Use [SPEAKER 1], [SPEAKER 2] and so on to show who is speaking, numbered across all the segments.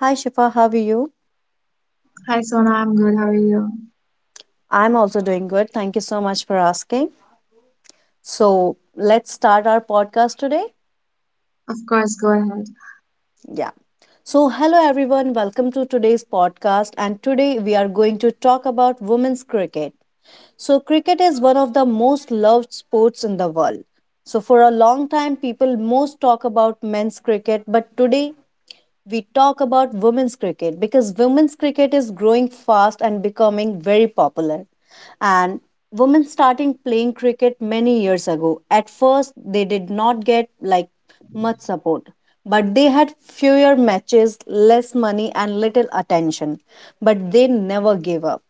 [SPEAKER 1] Hi Shifa, how are you?
[SPEAKER 2] Hi Sona, I'm good. How are you?
[SPEAKER 1] I'm also doing good. Thank you so much for asking. So, let's start our podcast today.
[SPEAKER 2] Of course, go ahead.
[SPEAKER 1] Yeah. So, hello everyone. Welcome to today's podcast. And today we are going to talk about women's cricket. So, cricket is one of the most loved sports in the world. So, for a long time, people most talk about men's cricket, but today we talk about women's cricket because women's cricket is growing fast and becoming very popular. And women starting playing cricket many years ago. At first, they did not get much support, but they had fewer matches, less money, and little attention. But they never gave up,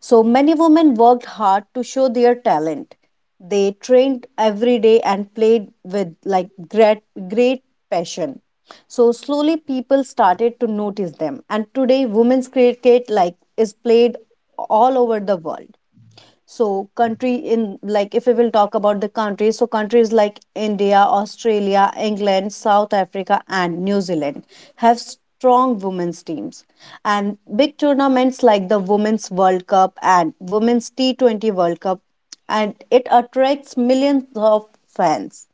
[SPEAKER 1] so many women worked hard to show their talent. They trained every day and played with great passion. So slowly people started to notice them, and today women's cricket is played all over the world. So country in like if we will talk about the countries, so countries like India, Australia, England, South Africa, and New Zealand have strong women's teams, and big tournaments like the Women's World Cup and Women's T20 World Cup, and it attracts millions of fans.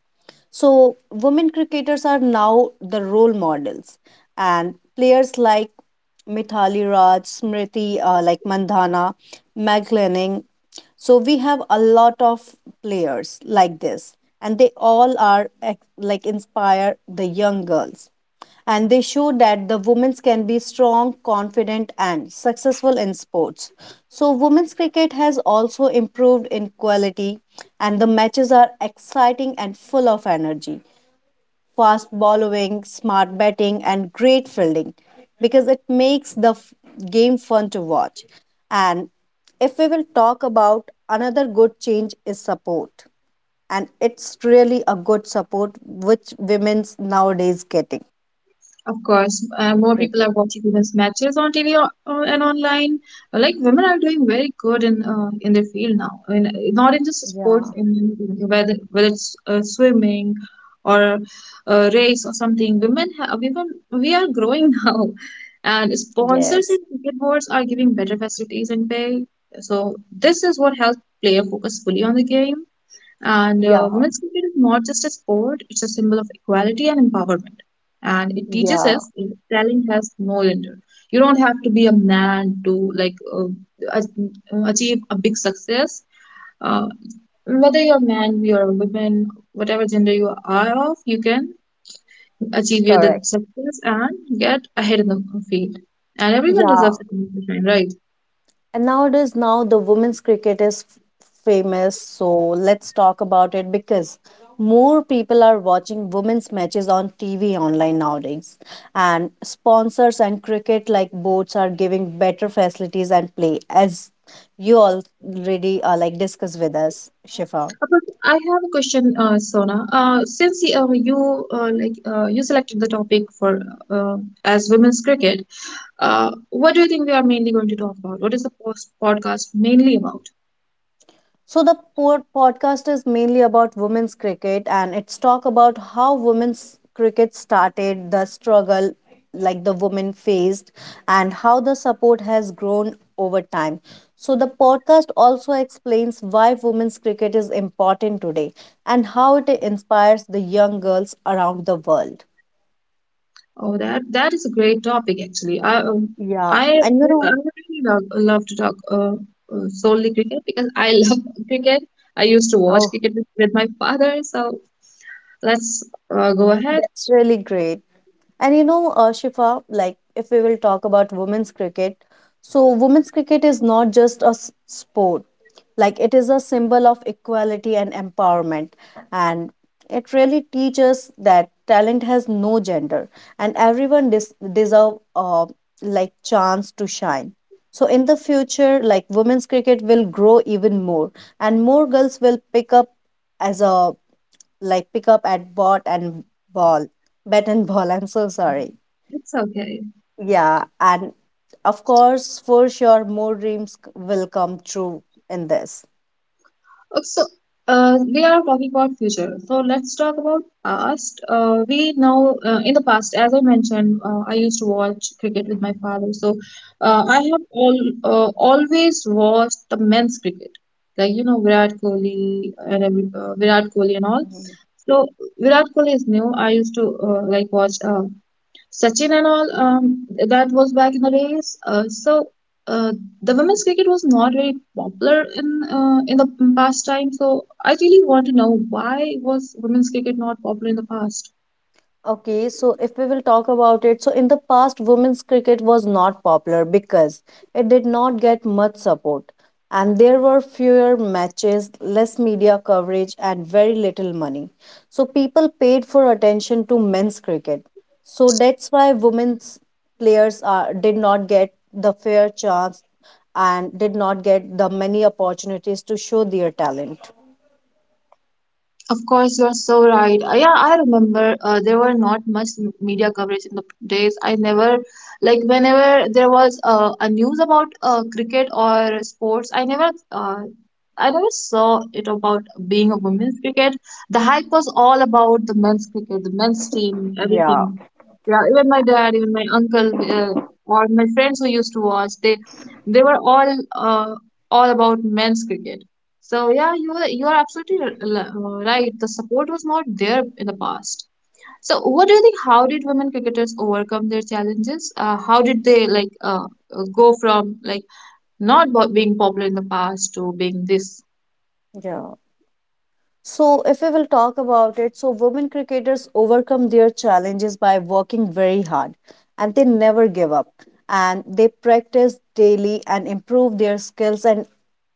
[SPEAKER 1] So women cricketers are now the role models, and players like Mithali Raj, Smriti, Mandhana, Meg Lanning. So, we have a lot of players like this, and they all are inspire the young girls, and they show that the women can be strong, confident, and successful in sports. So, women's cricket has also improved in quality, and the matches are exciting and full of energy. Fast bowling, smart batting, and great fielding, because it makes the game fun to watch. And if we will talk about another good change is support, and it's really a good support which women's nowadays getting
[SPEAKER 2] Of course,
[SPEAKER 1] in
[SPEAKER 2] more people
[SPEAKER 1] cricket.
[SPEAKER 2] are watching women's matches on TV and online. Like women are doing very good in their field now. I mean, not in just sports,
[SPEAKER 1] Yeah,
[SPEAKER 2] in whether it's swimming or race or something. Women we are growing now, and sponsors and
[SPEAKER 1] yes,
[SPEAKER 2] cricket boards are giving better facilities and pay. So this is what helps player focus fully on the game. And
[SPEAKER 1] yeah,
[SPEAKER 2] women's cricket is not just a sport, it's a symbol of equality and empowerment. And it teaches
[SPEAKER 1] yeah,
[SPEAKER 2] us that talent has no gender. You don't have to be a man to achieve a big success. Uh, Whether you're a man, you're a woman, whatever gender you are of, you can achieve your the
[SPEAKER 1] correct.
[SPEAKER 2] success and get ahead in the field. And everyone
[SPEAKER 1] Yeah.
[SPEAKER 2] deserves a chance to shine, right?
[SPEAKER 1] And nowadays, now the women's cricket is famous, so let's talk about it because more people are watching women's matches on TV online nowadays. And sponsors and cricket boards are giving better facilities and play, as you already discussed with us, Shifa.
[SPEAKER 2] But I have a question, Sona. Since you you selected the topic for uh, as women's cricket, what do you think we are mainly going to talk about? What is the post podcast mainly about?
[SPEAKER 1] So the podcast is mainly about women's cricket, and it's talk about how women's cricket started, the struggle the women faced, and how the support has grown over time. So the podcast also explains why women's cricket is important today and how it inspires the young girls around the world.
[SPEAKER 2] Oh, that is a great topic actually. I um,
[SPEAKER 1] Yeah,
[SPEAKER 2] I
[SPEAKER 1] and you
[SPEAKER 2] I
[SPEAKER 1] know,
[SPEAKER 2] would really love to talk solely cricket because I love cricket. I used to watch
[SPEAKER 1] oh,
[SPEAKER 2] cricket with my father, so let's go ahead.
[SPEAKER 1] that's really great. And you know, Shifa, like if we will talk about women's cricket, so women's cricket is not just a sport, like it is a symbol of equality and empowerment. And it really teaches that talent has no gender, and everyone deserve chance to shine. So in the future, like women's cricket will grow even more, and more girls will pick up as a pick up at bot and ball. Bat and ball, I'm so sorry.
[SPEAKER 2] It's okay.
[SPEAKER 1] Yeah, and of course, for sure, more dreams will come true in this.
[SPEAKER 2] So, we are talking about future. So let's talk about past. We now In the past, as I mentioned, I used to watch cricket with my father. So,
[SPEAKER 1] Mm-hmm.
[SPEAKER 2] I have all always watched the men's cricket, like you know Virat Kohli and Virat Kohli and all. So Virat Kohli is new. I used to watch Sachin and all, that was back in the days. Uh, the women's cricket was not very popular in the past time. So I really want to know why was women's cricket not popular in the past?
[SPEAKER 1] Okay, so if we will talk about it, so in the past, women's cricket was not popular because it did not get much support, and there were fewer matches, less media coverage, and very little money. So people paid for attention to men's cricket. So that's why women's players are, did not get the fair chance and did not get the many opportunities to show their talent.
[SPEAKER 2] Of course, you're so right. Yeah, I remember there were not much media coverage in the days. I never, Like, whenever there was a news about cricket or sports, I never saw it about being a women's cricket. The hype was all about the men's cricket, the men's team,
[SPEAKER 1] Yeah.
[SPEAKER 2] everything. Yeah, even my dad, even my uncle, or my friends who used to watch, they were all about men's cricket. So yeah, you are absolutely right. The support was not there in the past. So what do you think? How did women cricketers overcome their challenges? How did they go from like not bo- being popular in the past to being this?
[SPEAKER 1] Yeah. So, if we will talk about it, so women cricketers overcome their challenges by working very hard, and they never give up, and they practice daily and improve their skills, and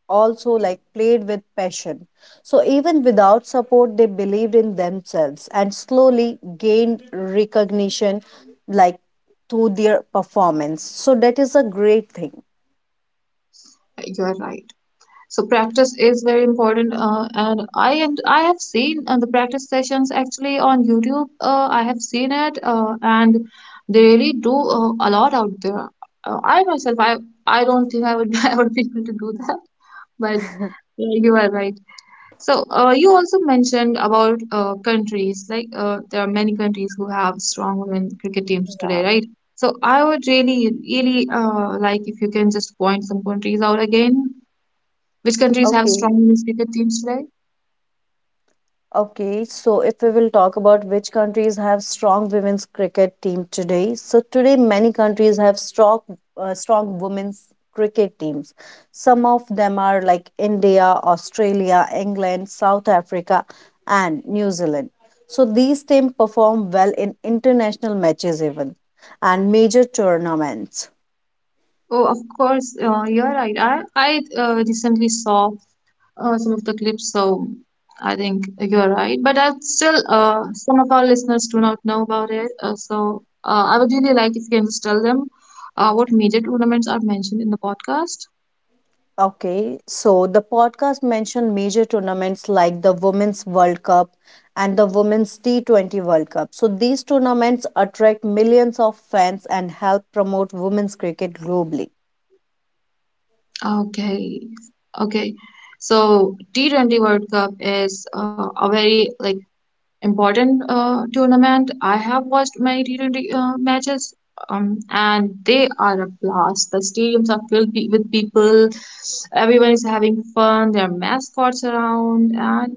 [SPEAKER 1] also played with passion. So, even without support, they believed in themselves and slowly gained recognition like to their performance. So, that is a great thing.
[SPEAKER 2] You are right. So practice is very important. And I have seen the practice sessions actually on YouTube. I have seen it, and they really do a lot out there. I myself, I don't think I would I would be able to do that. But yeah, you are right. So you also mentioned about countries. Like there are many countries who have strong women cricket teams
[SPEAKER 1] Yeah,
[SPEAKER 2] today, right? So I would really like if you can just point some countries out again. Which countries have
[SPEAKER 1] okay.
[SPEAKER 2] strong women's cricket teams today?
[SPEAKER 1] Okay, so if we will talk about which countries have strong women's cricket team today, so today many countries have strong women's cricket teams. Some of them are like India, Australia, England, South Africa, and New Zealand. So these teams perform well in international matches even, and major tournaments.
[SPEAKER 2] Oh, of course, you're right. I recently saw some of the clips, so I think you're right. But I still, some of our listeners do not know about it. I would really like if you can just tell them what major tournaments are mentioned in the podcast.
[SPEAKER 1] Okay, so the podcast mentioned major tournaments like the Women's World Cup and the Women's T20 World Cup. So these tournaments attract millions of fans and help promote women's cricket globally.
[SPEAKER 2] Okay, okay. So T T20 World Cup is a very like important tournament. I have watched many T20 matches, and they are a blast. The stadiums are filled with people. Everyone is having fun. There are mascots around, and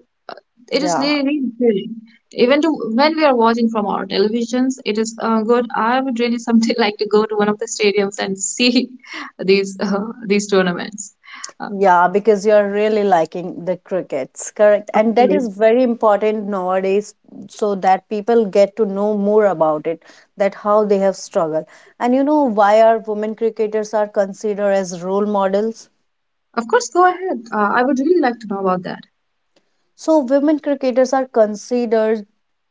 [SPEAKER 2] it is
[SPEAKER 1] Yeah,
[SPEAKER 2] really really thrilling. Even to When we are watching from our televisions, it is good. I would really someday like to go to one of the stadiums and see these tournaments. Uh,
[SPEAKER 1] yeah, because you're really liking the crickets, correct?
[SPEAKER 2] of
[SPEAKER 1] And that
[SPEAKER 2] course,
[SPEAKER 1] is very important nowadays so that people get to know more about it, that how they have struggled. And you know why our women cricketers are considered as role models?
[SPEAKER 2] of course, go ahead. I would really like to know about that.
[SPEAKER 1] So, women cricketers are considered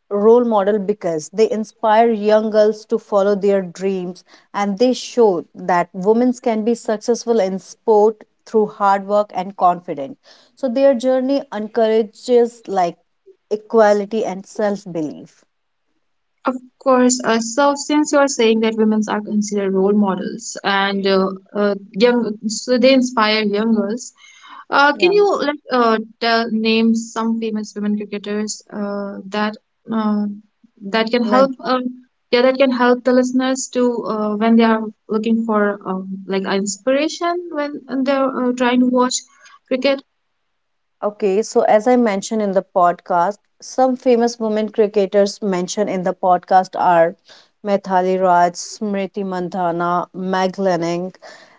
[SPEAKER 1] role model because they inspire young girls to follow their dreams, and they show that women can be successful in sport through hard work and confidence. So, their journey encourages equality and self belief.
[SPEAKER 2] Of course. So, since you're saying that women are considered role models and young, so they inspire young girls, can
[SPEAKER 1] Yeah.
[SPEAKER 2] you tell name some famous women cricketers that uh, that can
[SPEAKER 1] Men.
[SPEAKER 2] help? Yeah, that can help the listeners to when they are looking for like inspiration when and they're trying to watch cricket.
[SPEAKER 1] Okay, so as I mentioned in the podcast, some famous women cricketers mentioned in the podcast are Methali Raj, Smriti Mandhana, Meg Lanning,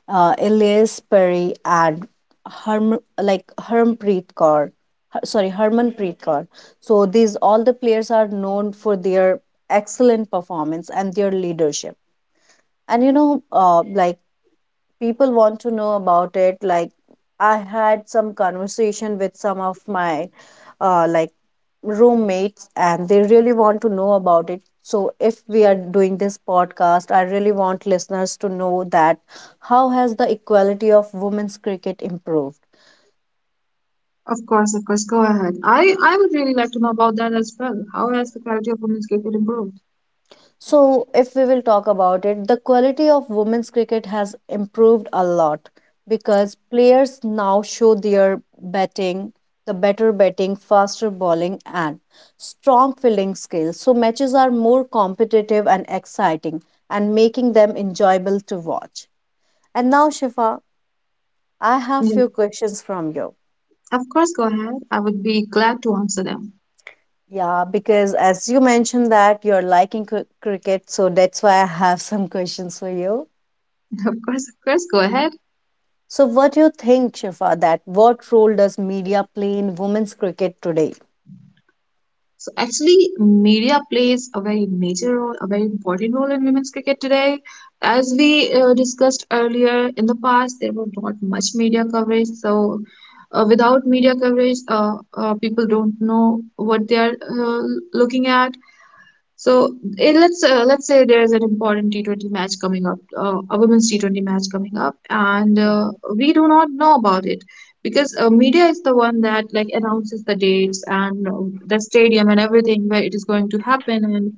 [SPEAKER 1] Elias Perry, and Harmanpreet Kaur. Sorry, Harmanpreet Kaur. So these all the players are known for their excellent performance and their leadership. And you know, people want to know about it, like I had some conversation with some of my uh, like roommates, and they really want to know about it. So if we are doing this podcast, I really want listeners to know that how has the equality of women's cricket improved.
[SPEAKER 2] Of course, of course. Go ahead. I would really like to know about that as well. How has the quality of women's cricket improved?
[SPEAKER 1] So, if we will talk about it, the quality of women's cricket has improved a lot because players now show their batting, the better batting, faster bowling, and strong fielding skills. So, matches are more competitive and exciting, and making them enjoyable to watch. And now, Shifa, I have few questions from you.
[SPEAKER 2] Of course, go ahead. I would be glad to answer them.
[SPEAKER 1] Yeah, because as you mentioned that you're liking cricket, so that's why I have some questions for you.
[SPEAKER 2] Of course, go ahead.
[SPEAKER 1] So, what do you think, Shifa, that what role does media play in women's cricket today?
[SPEAKER 2] So, actually, media plays a very major role, a very important role in women's cricket today. As we discussed earlier, in the past, there was not much media coverage. So, without media coverage, people don't know what they are looking at. So let's say there's an important T20 match coming up, a women's T20 match coming up, and
[SPEAKER 1] Mhm,
[SPEAKER 2] we do not know about it because media is the one that like announces the dates and the stadium and everything where it is going to happen and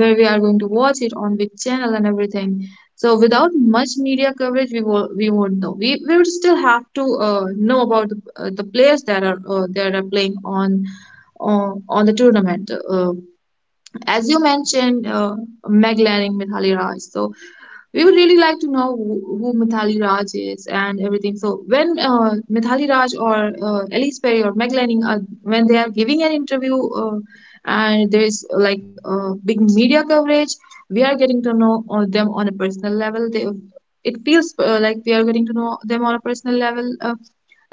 [SPEAKER 2] where we are going to watch it on which channel and everything. So without much media coverage, we won't know. We would still have to know about the players that are playing on the tournament. As you mentioned, McLaren Mithali Raj. So we would really like to know who Mithali Raj is and everything. So when Mithali Raj or Elise Perry or McLaren, when they are giving an interview and there is big media coverage, we are getting to know them on a personal level. It feels like we are getting to know them on a personal level. Uh,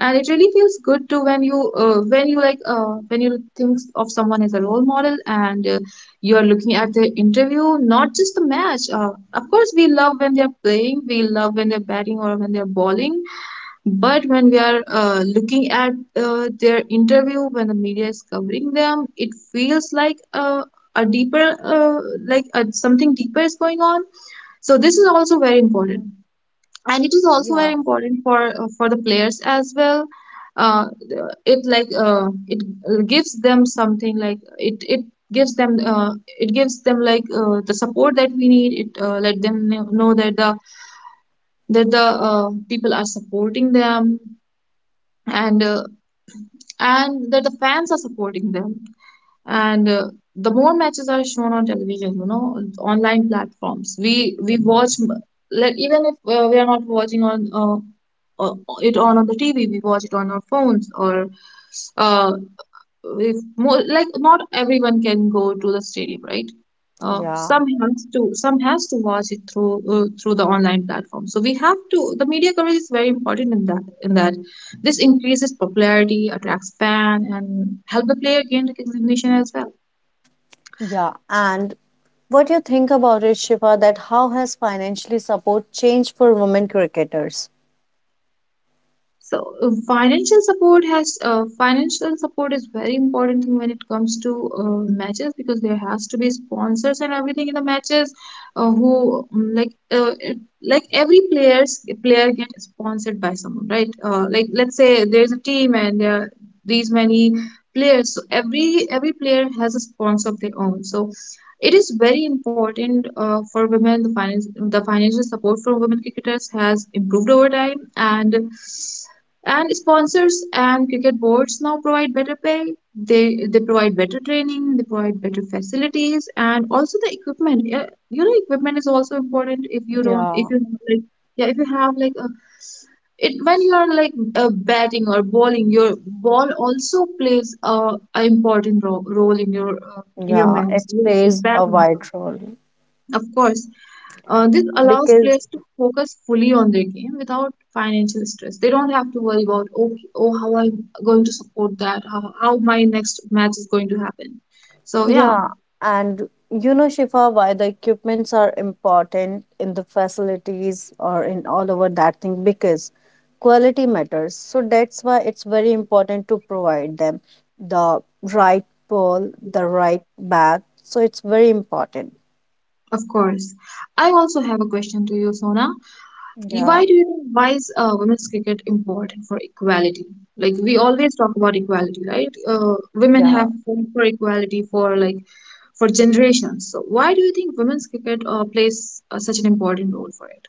[SPEAKER 2] and it really feels good too when you when you think of someone as a role model, and you are looking at the interview, not just the match. Of course, we love when they're playing, we love when they're batting or when they're bowling, but when we are looking at their interview, when the media is covering them, it feels like a deeper like something deeper is going on. So this is also very
[SPEAKER 1] mhm.
[SPEAKER 2] important, and it is also very
[SPEAKER 1] Yeah.
[SPEAKER 2] important for the players as well. Uh, it like uh, it gives them something, like it gives them it gives them the support that we need it. Let them know that the people are supporting them, and and that the fans are supporting them. And the more matches are shown on television, you know, online platforms, we watch, like even if we are not watching on it on the TV, we watch it on our phones. Or uh if more, like, not everyone can go to the stadium, right?
[SPEAKER 1] Yeah,
[SPEAKER 2] Some has to watch it through through the online platform. So we have to, the media coverage is very important in that. This increases popularity, attracts fan, and help the player gain recognition as well.
[SPEAKER 1] yeah. And what do you think about it, Shifa, that how has financially support changed for women cricketers?
[SPEAKER 2] So financial support is very important thing when it comes to matches, because there has to be sponsors and everything in the matches, who mm, like it- like every player get sponsored by someone, right? Like, let's say there's a team and there are these many players, so every player has a sponsor of their own. So it is very important for women. The financial support for women cricketers has improved over time, and sponsors and cricket boards now provide better pay. They provide better training. They provide better facilities and also the equipment. Yeah, you know, equipment is also important.
[SPEAKER 1] Yeah,
[SPEAKER 2] If you have like, yeah, if you have like a, it when you are like batting or bowling, your ball also plays a important ro role in your
[SPEAKER 1] yeah,
[SPEAKER 2] match.
[SPEAKER 1] it
[SPEAKER 2] The
[SPEAKER 1] plays
[SPEAKER 2] bat,
[SPEAKER 1] a wide role
[SPEAKER 2] of course, this allows
[SPEAKER 1] because.
[SPEAKER 2] players to focus fully on their game without financial stress. They don't have to worry about, okay, oh, how I'm going to support that, how my next match is going to happen. So, yeah,
[SPEAKER 1] Yeah, and you know, Shifa, why the equipments are important in the facilities or in all over that thing, because quality matters. So that's why it's very important to provide them the right pole, the right bag. So it's very important.
[SPEAKER 2] of course. I also have a question to you, Sona. Why
[SPEAKER 1] Yeah,
[SPEAKER 2] do you, think why is women's cricket important for equality? Like, we always talk about equality, right? Women
[SPEAKER 1] yeah.
[SPEAKER 2] have fought for equality for like, for generations. So, why do you think women's cricket plays such an important role for it?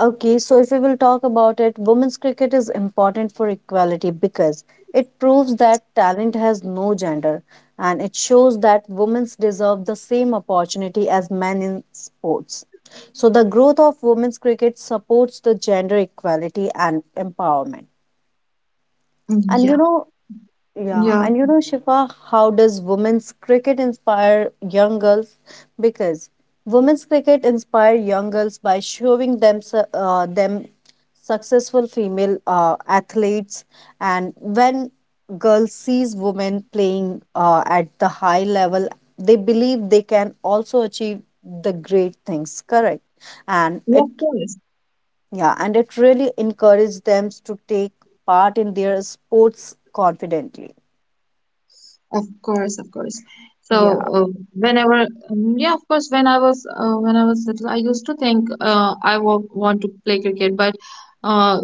[SPEAKER 1] Okay, so if we will talk about it, women's cricket is important for equality because it proves that talent has no gender, and it shows that women deserve the same opportunity as men in sports. So the growth of women's cricket supports the gender equality and empowerment.
[SPEAKER 2] Mm,
[SPEAKER 1] And you
[SPEAKER 2] yeah,
[SPEAKER 1] know, yeah,
[SPEAKER 2] yeah,
[SPEAKER 1] and you know, Shifa, how does women's cricket inspire young girls? Because women's cricket inspire young girls by showing them successful female athletes, and when girls sees women playing at the high level, they believe they can also achieve the great things. Correct, and
[SPEAKER 2] yeah, of
[SPEAKER 1] it,
[SPEAKER 2] course.
[SPEAKER 1] yeah, and it really encourages them to take part in their sports confidently.
[SPEAKER 2] Of course, of course. So
[SPEAKER 1] Yeah.
[SPEAKER 2] uh, whenever, yeah, of course, when I was little, I used to think I w want to play cricket, but uh,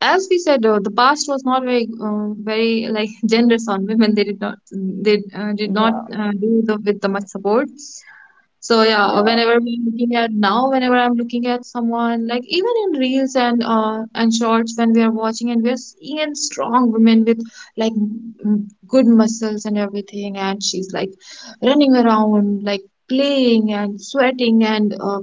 [SPEAKER 2] as we said, the past was not very very like generous on women. They did not
[SPEAKER 1] Yeah,
[SPEAKER 2] do the, with the much support. So yeah,
[SPEAKER 1] yeah,
[SPEAKER 2] whenever I'm looking at now, whenever I'm looking at someone like even in reels and shorts when we are watching and we're seeing and strong women with like good muscles and everything, and she's like running around like playing and sweating and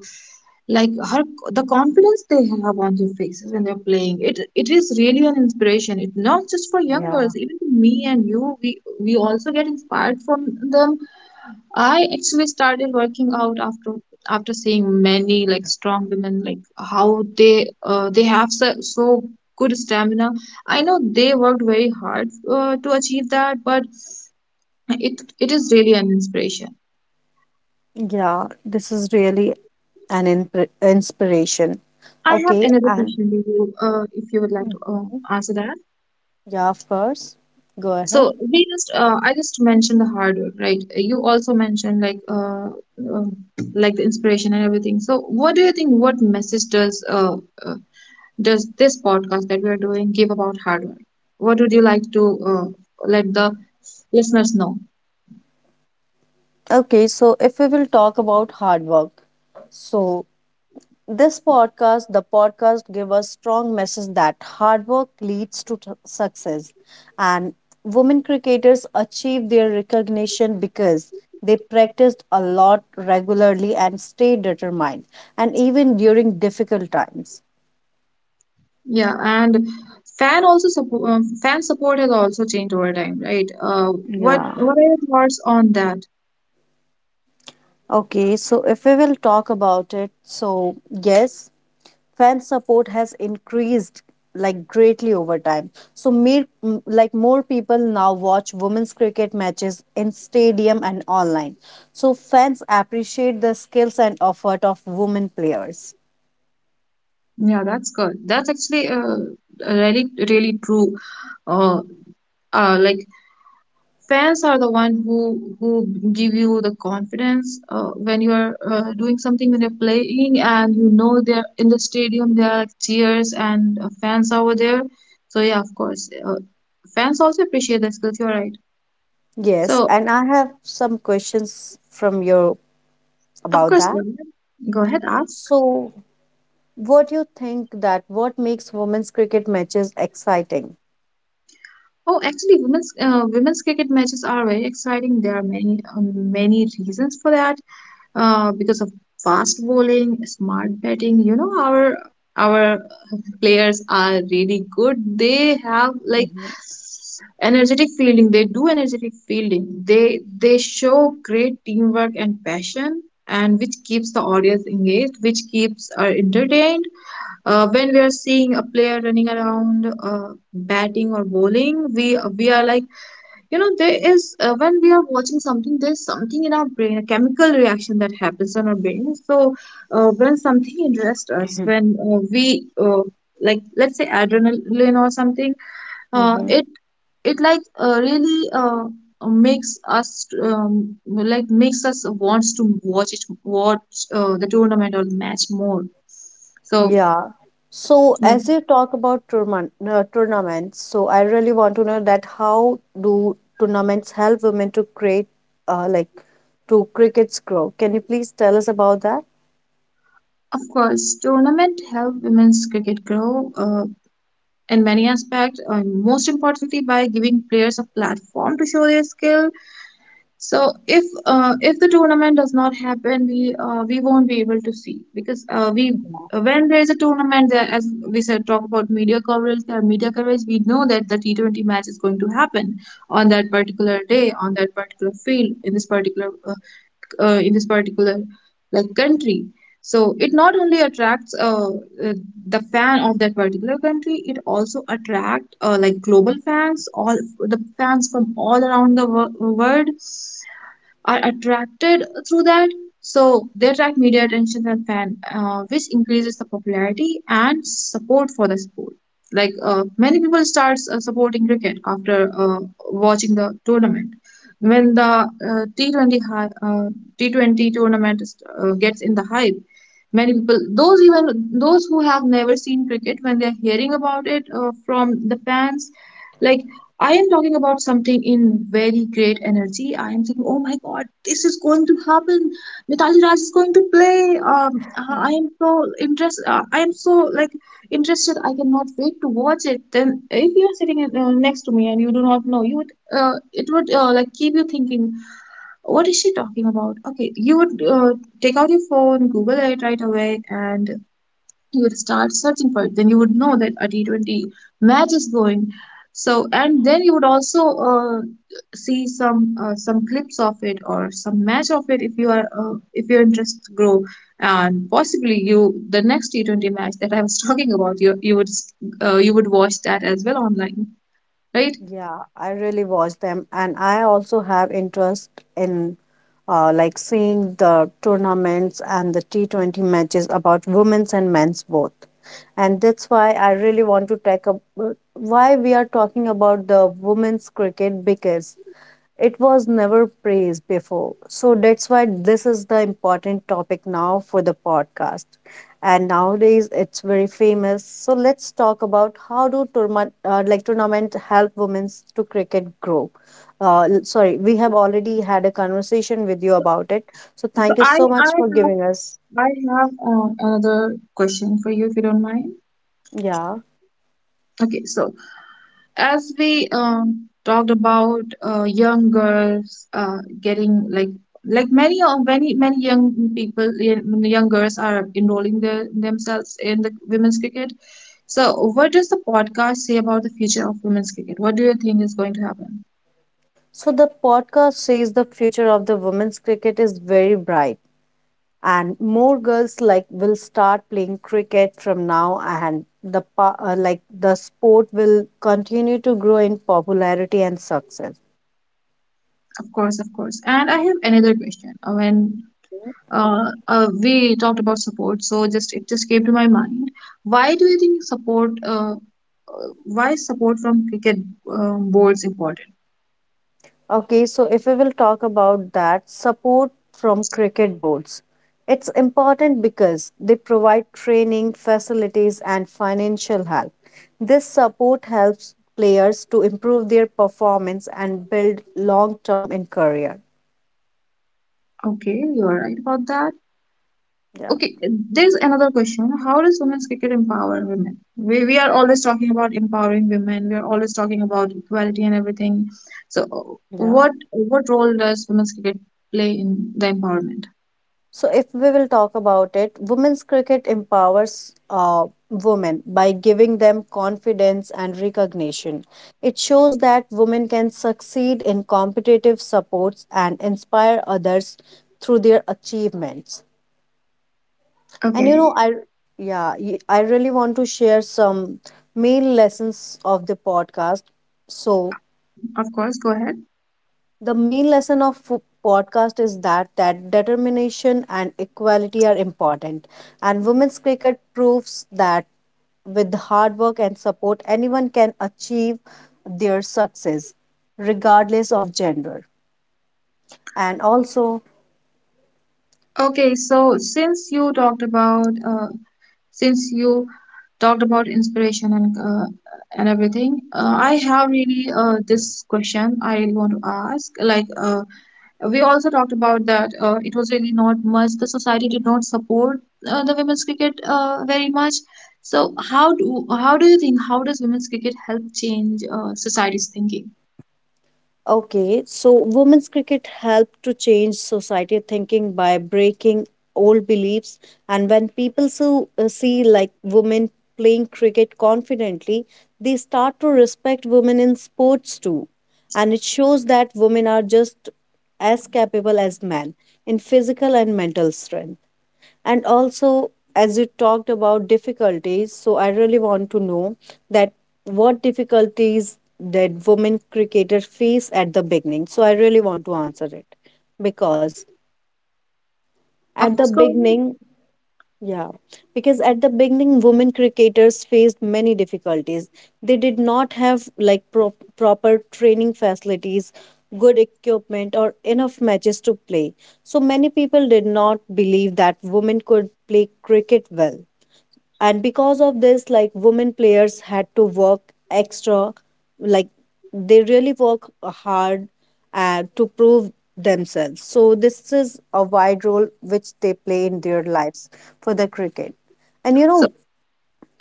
[SPEAKER 2] like her the confidence they have on their faces when they're playing, it is really an inspiration. It's not just for young
[SPEAKER 1] yeah,
[SPEAKER 2] girls, even to me and you, we also get inspired from them. I actually started working out after after seeing many like strong women, like how they have so, so good stamina. I know they worked very hard to achieve that, but it is really an inspiration.
[SPEAKER 1] yeah. This is really an inspiration.
[SPEAKER 2] I have
[SPEAKER 1] Okay,
[SPEAKER 2] another
[SPEAKER 1] and
[SPEAKER 2] question to you, if you would like to
[SPEAKER 1] mhm,
[SPEAKER 2] answer that.
[SPEAKER 1] yeah, of course. Go ahead.
[SPEAKER 2] So we just I just mentioned the hard work, right? You also mentioned uh, like the inspiration and everything. So what do you think? What message uh, does this podcast that we are doing give about hard work? What would you like to let the listeners know?
[SPEAKER 1] Okay, so if we will talk about hard work, so this podcast, the podcast, give us strong message that hard work leads to success, and women cricketers achieve their recognition because they practiced a lot regularly and stayed determined, and even during difficult times.
[SPEAKER 2] Yeah, and fan also support fan support has also changed over time, right? Uh, what
[SPEAKER 1] Yeah.
[SPEAKER 2] what are your thoughts on that?
[SPEAKER 1] Okay, so if we will talk about it, so yes, fan support has increased greatly over time. So mere, m- like more people now watch women's cricket matches in stadium and online, so fans appreciate the skills and effort of women players.
[SPEAKER 2] Yeah, that's good. That's actually really really true. Uh, like, fans are the one who give you the confidence when you are doing something, when you're playing and you know they're in the stadium, there are like cheers and fans over there. So yeah, of course, fans also appreciate the skills. You're right.
[SPEAKER 1] Yes,
[SPEAKER 2] So
[SPEAKER 1] and I have some questions from you
[SPEAKER 2] of
[SPEAKER 1] about
[SPEAKER 2] course,
[SPEAKER 1] that.
[SPEAKER 2] Lavanya, go ahead, ask.
[SPEAKER 1] So what do you think that what makes women's cricket matches exciting?
[SPEAKER 2] Oh, actually, women's cricket matches are very exciting. There are many many reasons for that, because of fast bowling, smart batting. You know, our players are really good. They have like energetic fielding. They do energetic fielding. They show great teamwork and passion. And which keeps the audience engaged, which keeps our entertained. When we are seeing a player running around, batting or bowling, we are like, you know, there is when we are watching something, there's something in our brain, a chemical reaction that happens in our brain. So when something interests us, when we uh, like let's say adrenaline or something, uh,
[SPEAKER 1] Hmm.
[SPEAKER 2] it it like really makes us like makes us wants to watch it, watch the tournament or the match more. So
[SPEAKER 1] Yeah. So
[SPEAKER 2] yeah,
[SPEAKER 1] as you talk about tournaments, so I really want to know that how do tournaments help women to create, uh, like, to crickets grow? Can you please tell us about that?
[SPEAKER 2] of course tournament help women's cricket grow in many aspects, and most importantly by giving players a platform to show their skill. So if the tournament does not happen, we won't be able to see, because we when there is a tournament, there, as we said, talk about media coverage. There are media coverage. We know that the T 20 match is going to happen on that particular day, on that particular field, in this particular like country. So it not only attracts uh, the fan of that particular country, it also attract like global fans, all the fans from all around the world are attracted through that. So they attract media attention and fan, which increases the popularity and support for the sport. Like many people start supporting cricket after watching the tournament. When the T20 tournament is, gets in the hype, many people, those even those who have never seen cricket, when they are hearing about it from the fans, like I am talking about something in very great energy. I am saying, oh my god, this is going to happen. Mitali Raj is going to play. I am so interested. I am so like interested. I cannot wait to watch it. Then, if you are sitting next to me and you do not know, you would it would like keep you thinking, what is she talking about? Okay, you would take out your phone, Google it right away, and you would start searching for it. Then you would know that a t20 match is going. So and then you would also uh, see some clips of it or some match of it. If you are if your interests grow, and possibly you, the next t20 match that I was talking about, you would you would watch that as well online, right?
[SPEAKER 1] Yeah, I really watch them, and I also have interest in, seeing the tournaments and the T20 matches about women's and men's both. And that's why I really want to take up why we are talking about the women's cricket, because it was never praised before. So that's why this is the important topic now for the podcast. And nowadays it's very famous. So let's talk about how do tournament, tournament help women to cricket grow. Sorry, we have already had a conversation with you about it. So
[SPEAKER 2] So
[SPEAKER 1] thank you
[SPEAKER 2] i
[SPEAKER 1] so
[SPEAKER 2] i
[SPEAKER 1] much for
[SPEAKER 2] have
[SPEAKER 1] giving us.
[SPEAKER 2] I have another question for you if you don't mind.
[SPEAKER 1] Yeah.
[SPEAKER 2] Okay, so as we talked about young girls getting like many of many many young people, young girls are enrolling their, themselves in the women's cricket. So what does the podcast say about the future of women's cricket? What do you think is going to happen?
[SPEAKER 1] So the podcast says the future of the women's cricket is very bright. And more girls like will start playing cricket from now, and like the sport will continue to grow in popularity and success.
[SPEAKER 2] Of course, of course, and I have another question. When uh, we talked about support, so just it just came to my mind, why do you think support uh, why is support from cricket boards important?
[SPEAKER 1] Okay, so if we will talk about that support from cricket boards, it's important because they provide training facilities and financial help. This support helps players to improve their performance and build long term in career.
[SPEAKER 2] Okay, you are right about that.
[SPEAKER 1] Yeah,
[SPEAKER 2] Okay, there's another question. How does women's cricket empower women? We are always talking about empowering women. We are always talking about equality and everything. So, uh,
[SPEAKER 1] yeah.
[SPEAKER 2] what what role does women's cricket play in the empowerment?
[SPEAKER 1] So, if we will talk about it, women's cricket empowers women by giving them confidence and recognition. It shows that women can succeed in competitive supports and inspire others through their achievements. And you know,
[SPEAKER 2] Okay,
[SPEAKER 1] I, I really want to share some main lessons of the podcast. So,
[SPEAKER 2] of course, go ahead.
[SPEAKER 1] the main lesson of podcast is that determination and equality are important, and women's cricket proves that with hard work and support, anyone can achieve their success, regardless of gender. And also,
[SPEAKER 2] Okay, so since you talked about since you talked about inspiration and everything, I have really this question I want to ask. Like, we also talked about that it was really not much, the society did not support the women's cricket very much. So how do you think, how does women's cricket help change society's thinking?
[SPEAKER 1] okay, so women's cricket helped to change society thinking by breaking old beliefs. And when people see like women playing cricket confidently, they start to respect women in sports too. And it shows that women are just as capable as men in physical and mental strength. And also, as you talked about difficulties, so I really want to know that what difficulties did women cricketers face at the beginning? So I really want to answer it because
[SPEAKER 2] Of
[SPEAKER 1] at the
[SPEAKER 2] course, go ahead.
[SPEAKER 1] beginning, yeah, because at the beginning, women cricketers faced many difficulties. They did not have like proper training facilities, good equipment, or enough matches to play. So many people did not believe that women could play cricket well, and because of this like women players had to work extra, like they really work hard to prove themselves. So this is a wide role which they play in their lives for the cricket. And you
[SPEAKER 2] So
[SPEAKER 1] know,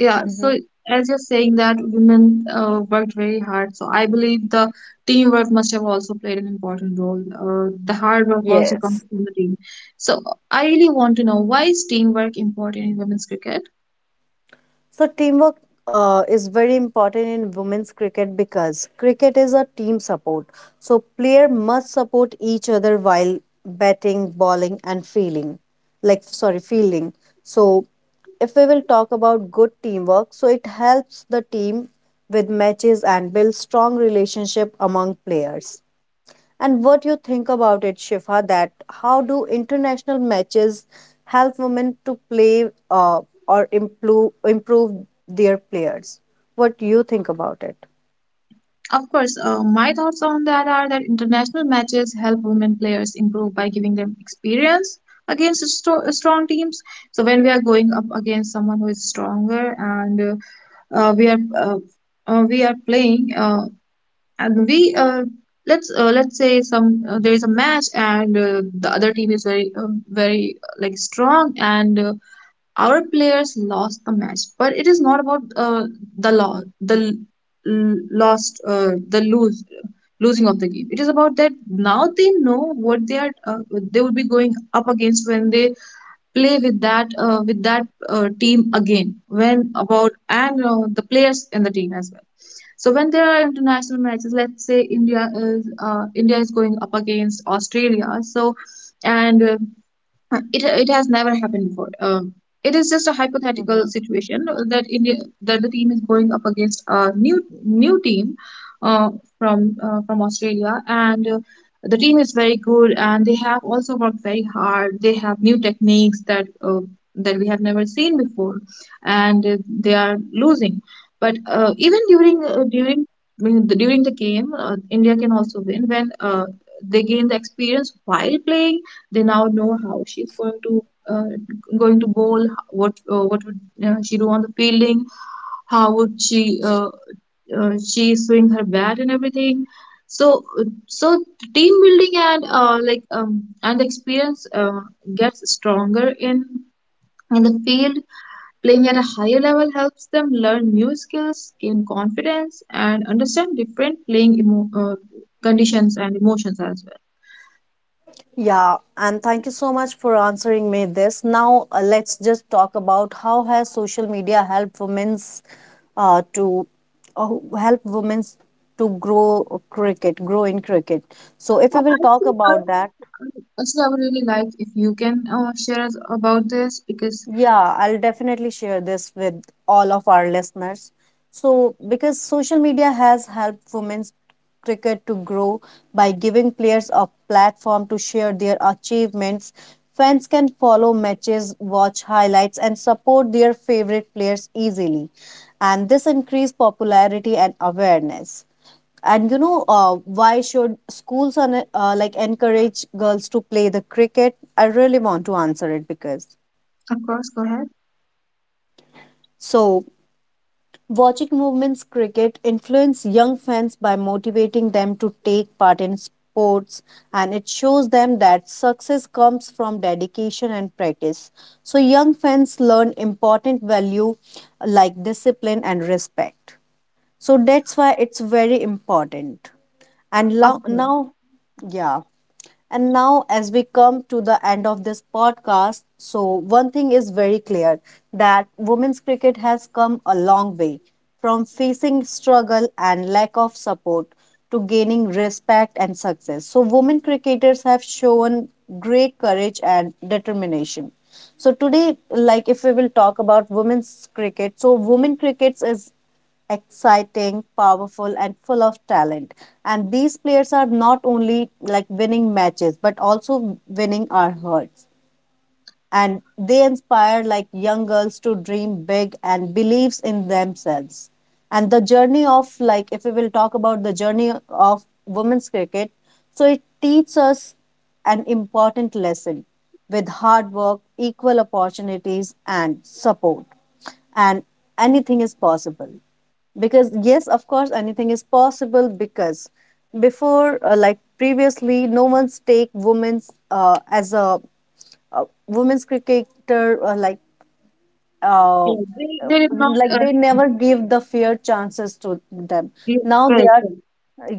[SPEAKER 2] yeah, so
[SPEAKER 1] mhm,
[SPEAKER 2] as you're saying that women worked very hard, so I believe the teamwork must have also played an important role. The hard work also comes
[SPEAKER 1] yes.
[SPEAKER 2] from the team. So I really want to know, why is teamwork important in women's cricket?
[SPEAKER 1] So teamwork is very important in women's cricket because cricket is a team support. So player must support each other while batting, bowling, and fielding. Like sorry, fielding. So if we will talk about good teamwork, so it helps the team with matches and builds strong relationship among players. And what you think about it, Shifa, that how do international matches help women to play or improve their players? What do you think about it?
[SPEAKER 2] Of course, my thoughts on that are that international matches help women players improve by giving them experience against strong teams. So when we are going up against someone who is stronger and uh, uh, we are uh, we are playing and we let's say some, there is a match and the other team is very very like strong, and our players lost the match, but it is not about the loss, the l- lost, the lose, losing of the game. It is about that now they know what they are, they would be going up against when they play with that team again. When about and the players in the team as well. So when there are international matches, let's say India is going up against Australia, so and it it has never happened before. It is just a hypothetical
[SPEAKER 1] Hmm.
[SPEAKER 2] situation that India, that the team is going up against a new team, uh, from Australia, and the team is very good, and they have also worked very hard. They have new techniques that that we have never seen before, and they are losing. But even during during during the game, India can also win when they gain the experience while playing. They now know how she's going to uh, going to bowl, what would she do on the fielding, how would she swing her bat and everything. So uh, so team building and and experience gets stronger in the field. Playing at a higher level helps them learn new skills, gain confidence, and understand different playing conditions and emotions as well.
[SPEAKER 1] Yeah, and thank you so much for answering me this. Now, let's just talk about how has social media helped women's to uh, help women's to grow grow in cricket. So, if we will
[SPEAKER 2] I
[SPEAKER 1] talk
[SPEAKER 2] think I
[SPEAKER 1] about
[SPEAKER 2] would,
[SPEAKER 1] that,
[SPEAKER 2] um, actually I would really like if you can share us about this because
[SPEAKER 1] yeah, I'll definitely share this with all of our listeners. So, because social media has helped women's cricket to grow by giving players a platform to share their achievements, fans can follow matches, watch highlights, and support their favorite players easily. And this increased popularity and awareness. And you know, why should schools like encourage girls to play the cricket? I really want to answer it because.
[SPEAKER 2] of course go ahead.
[SPEAKER 1] So watching movements cricket influence young fans by motivating them to take part in sports, and it shows them that success comes from dedication and practice. So young fans learn important value like discipline and respect. So that's why it's very important. And
[SPEAKER 2] Of
[SPEAKER 1] lo-
[SPEAKER 2] course,
[SPEAKER 1] now yeah. And now, as we come to the end of this podcast, so one thing is very clear that women's cricket has come a long way from facing struggle and lack of support to gaining respect and success. So, women cricketers have shown great courage and determination. So, today, like if we will talk about women's cricket, so women crickets is exciting, powerful, and full of talent. And these players are not only like winning matches, but also winning our hearts, and they inspire like young girls to dream big and believes in themselves. And the journey of like if we will talk about the journey of women's cricket, so it teaches us an important lesson: with hard work, equal opportunities, and support, and anything is possible. Because yes, of course anything is possible, because before like previously no one's take women's as a, women's cricketer uh, uh,
[SPEAKER 2] yeah, they did not.
[SPEAKER 1] like they never gave the fair chances to them.
[SPEAKER 2] Yeah,
[SPEAKER 1] Now they
[SPEAKER 2] correct,
[SPEAKER 1] are,
[SPEAKER 2] correct.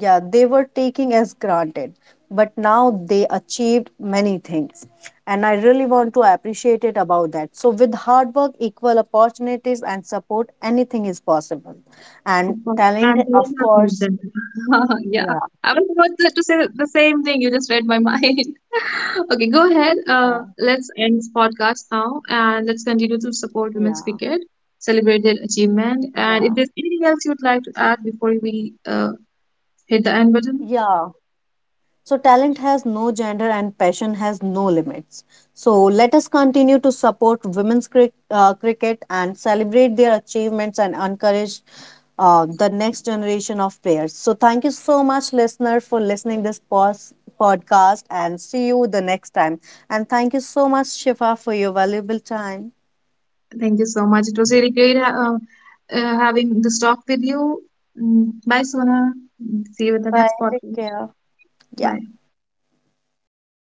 [SPEAKER 1] yeah, they were taking as granted, but now they achieved many things. And I really want to appreciate it about that. So with hard work, equal opportunities, and support, anything is possible.
[SPEAKER 2] Of
[SPEAKER 1] And
[SPEAKER 2] course,
[SPEAKER 1] talent,
[SPEAKER 2] and they did
[SPEAKER 1] of
[SPEAKER 2] not make
[SPEAKER 1] course.
[SPEAKER 2] them. Yeah,
[SPEAKER 1] Yeah,
[SPEAKER 2] I was about to say the same thing. You just read my mind. Okay, go ahead.
[SPEAKER 1] yeah,
[SPEAKER 2] Let's end this podcast now, and let's continue to support
[SPEAKER 1] yeah,
[SPEAKER 2] women's cricket, celebrate their achievement,
[SPEAKER 1] yeah,
[SPEAKER 2] and if there's anything else you would like to add before we hit the end button.
[SPEAKER 1] yeah. So, talent has no gender and passion has no limits. So, let us continue to support cricket and celebrate their achievements and encourage the next generation of players. So, thank you so much, listener, for listening podcast, and see you the next time. And thank you so much, Shifa, for your valuable time.
[SPEAKER 2] Thank you so much. It was really great having this talk with you. Mm, bye, Sona. See you with the
[SPEAKER 1] Bye.
[SPEAKER 2] next
[SPEAKER 1] Take
[SPEAKER 2] podcast.
[SPEAKER 1] care. Yeah.
[SPEAKER 2] Bye.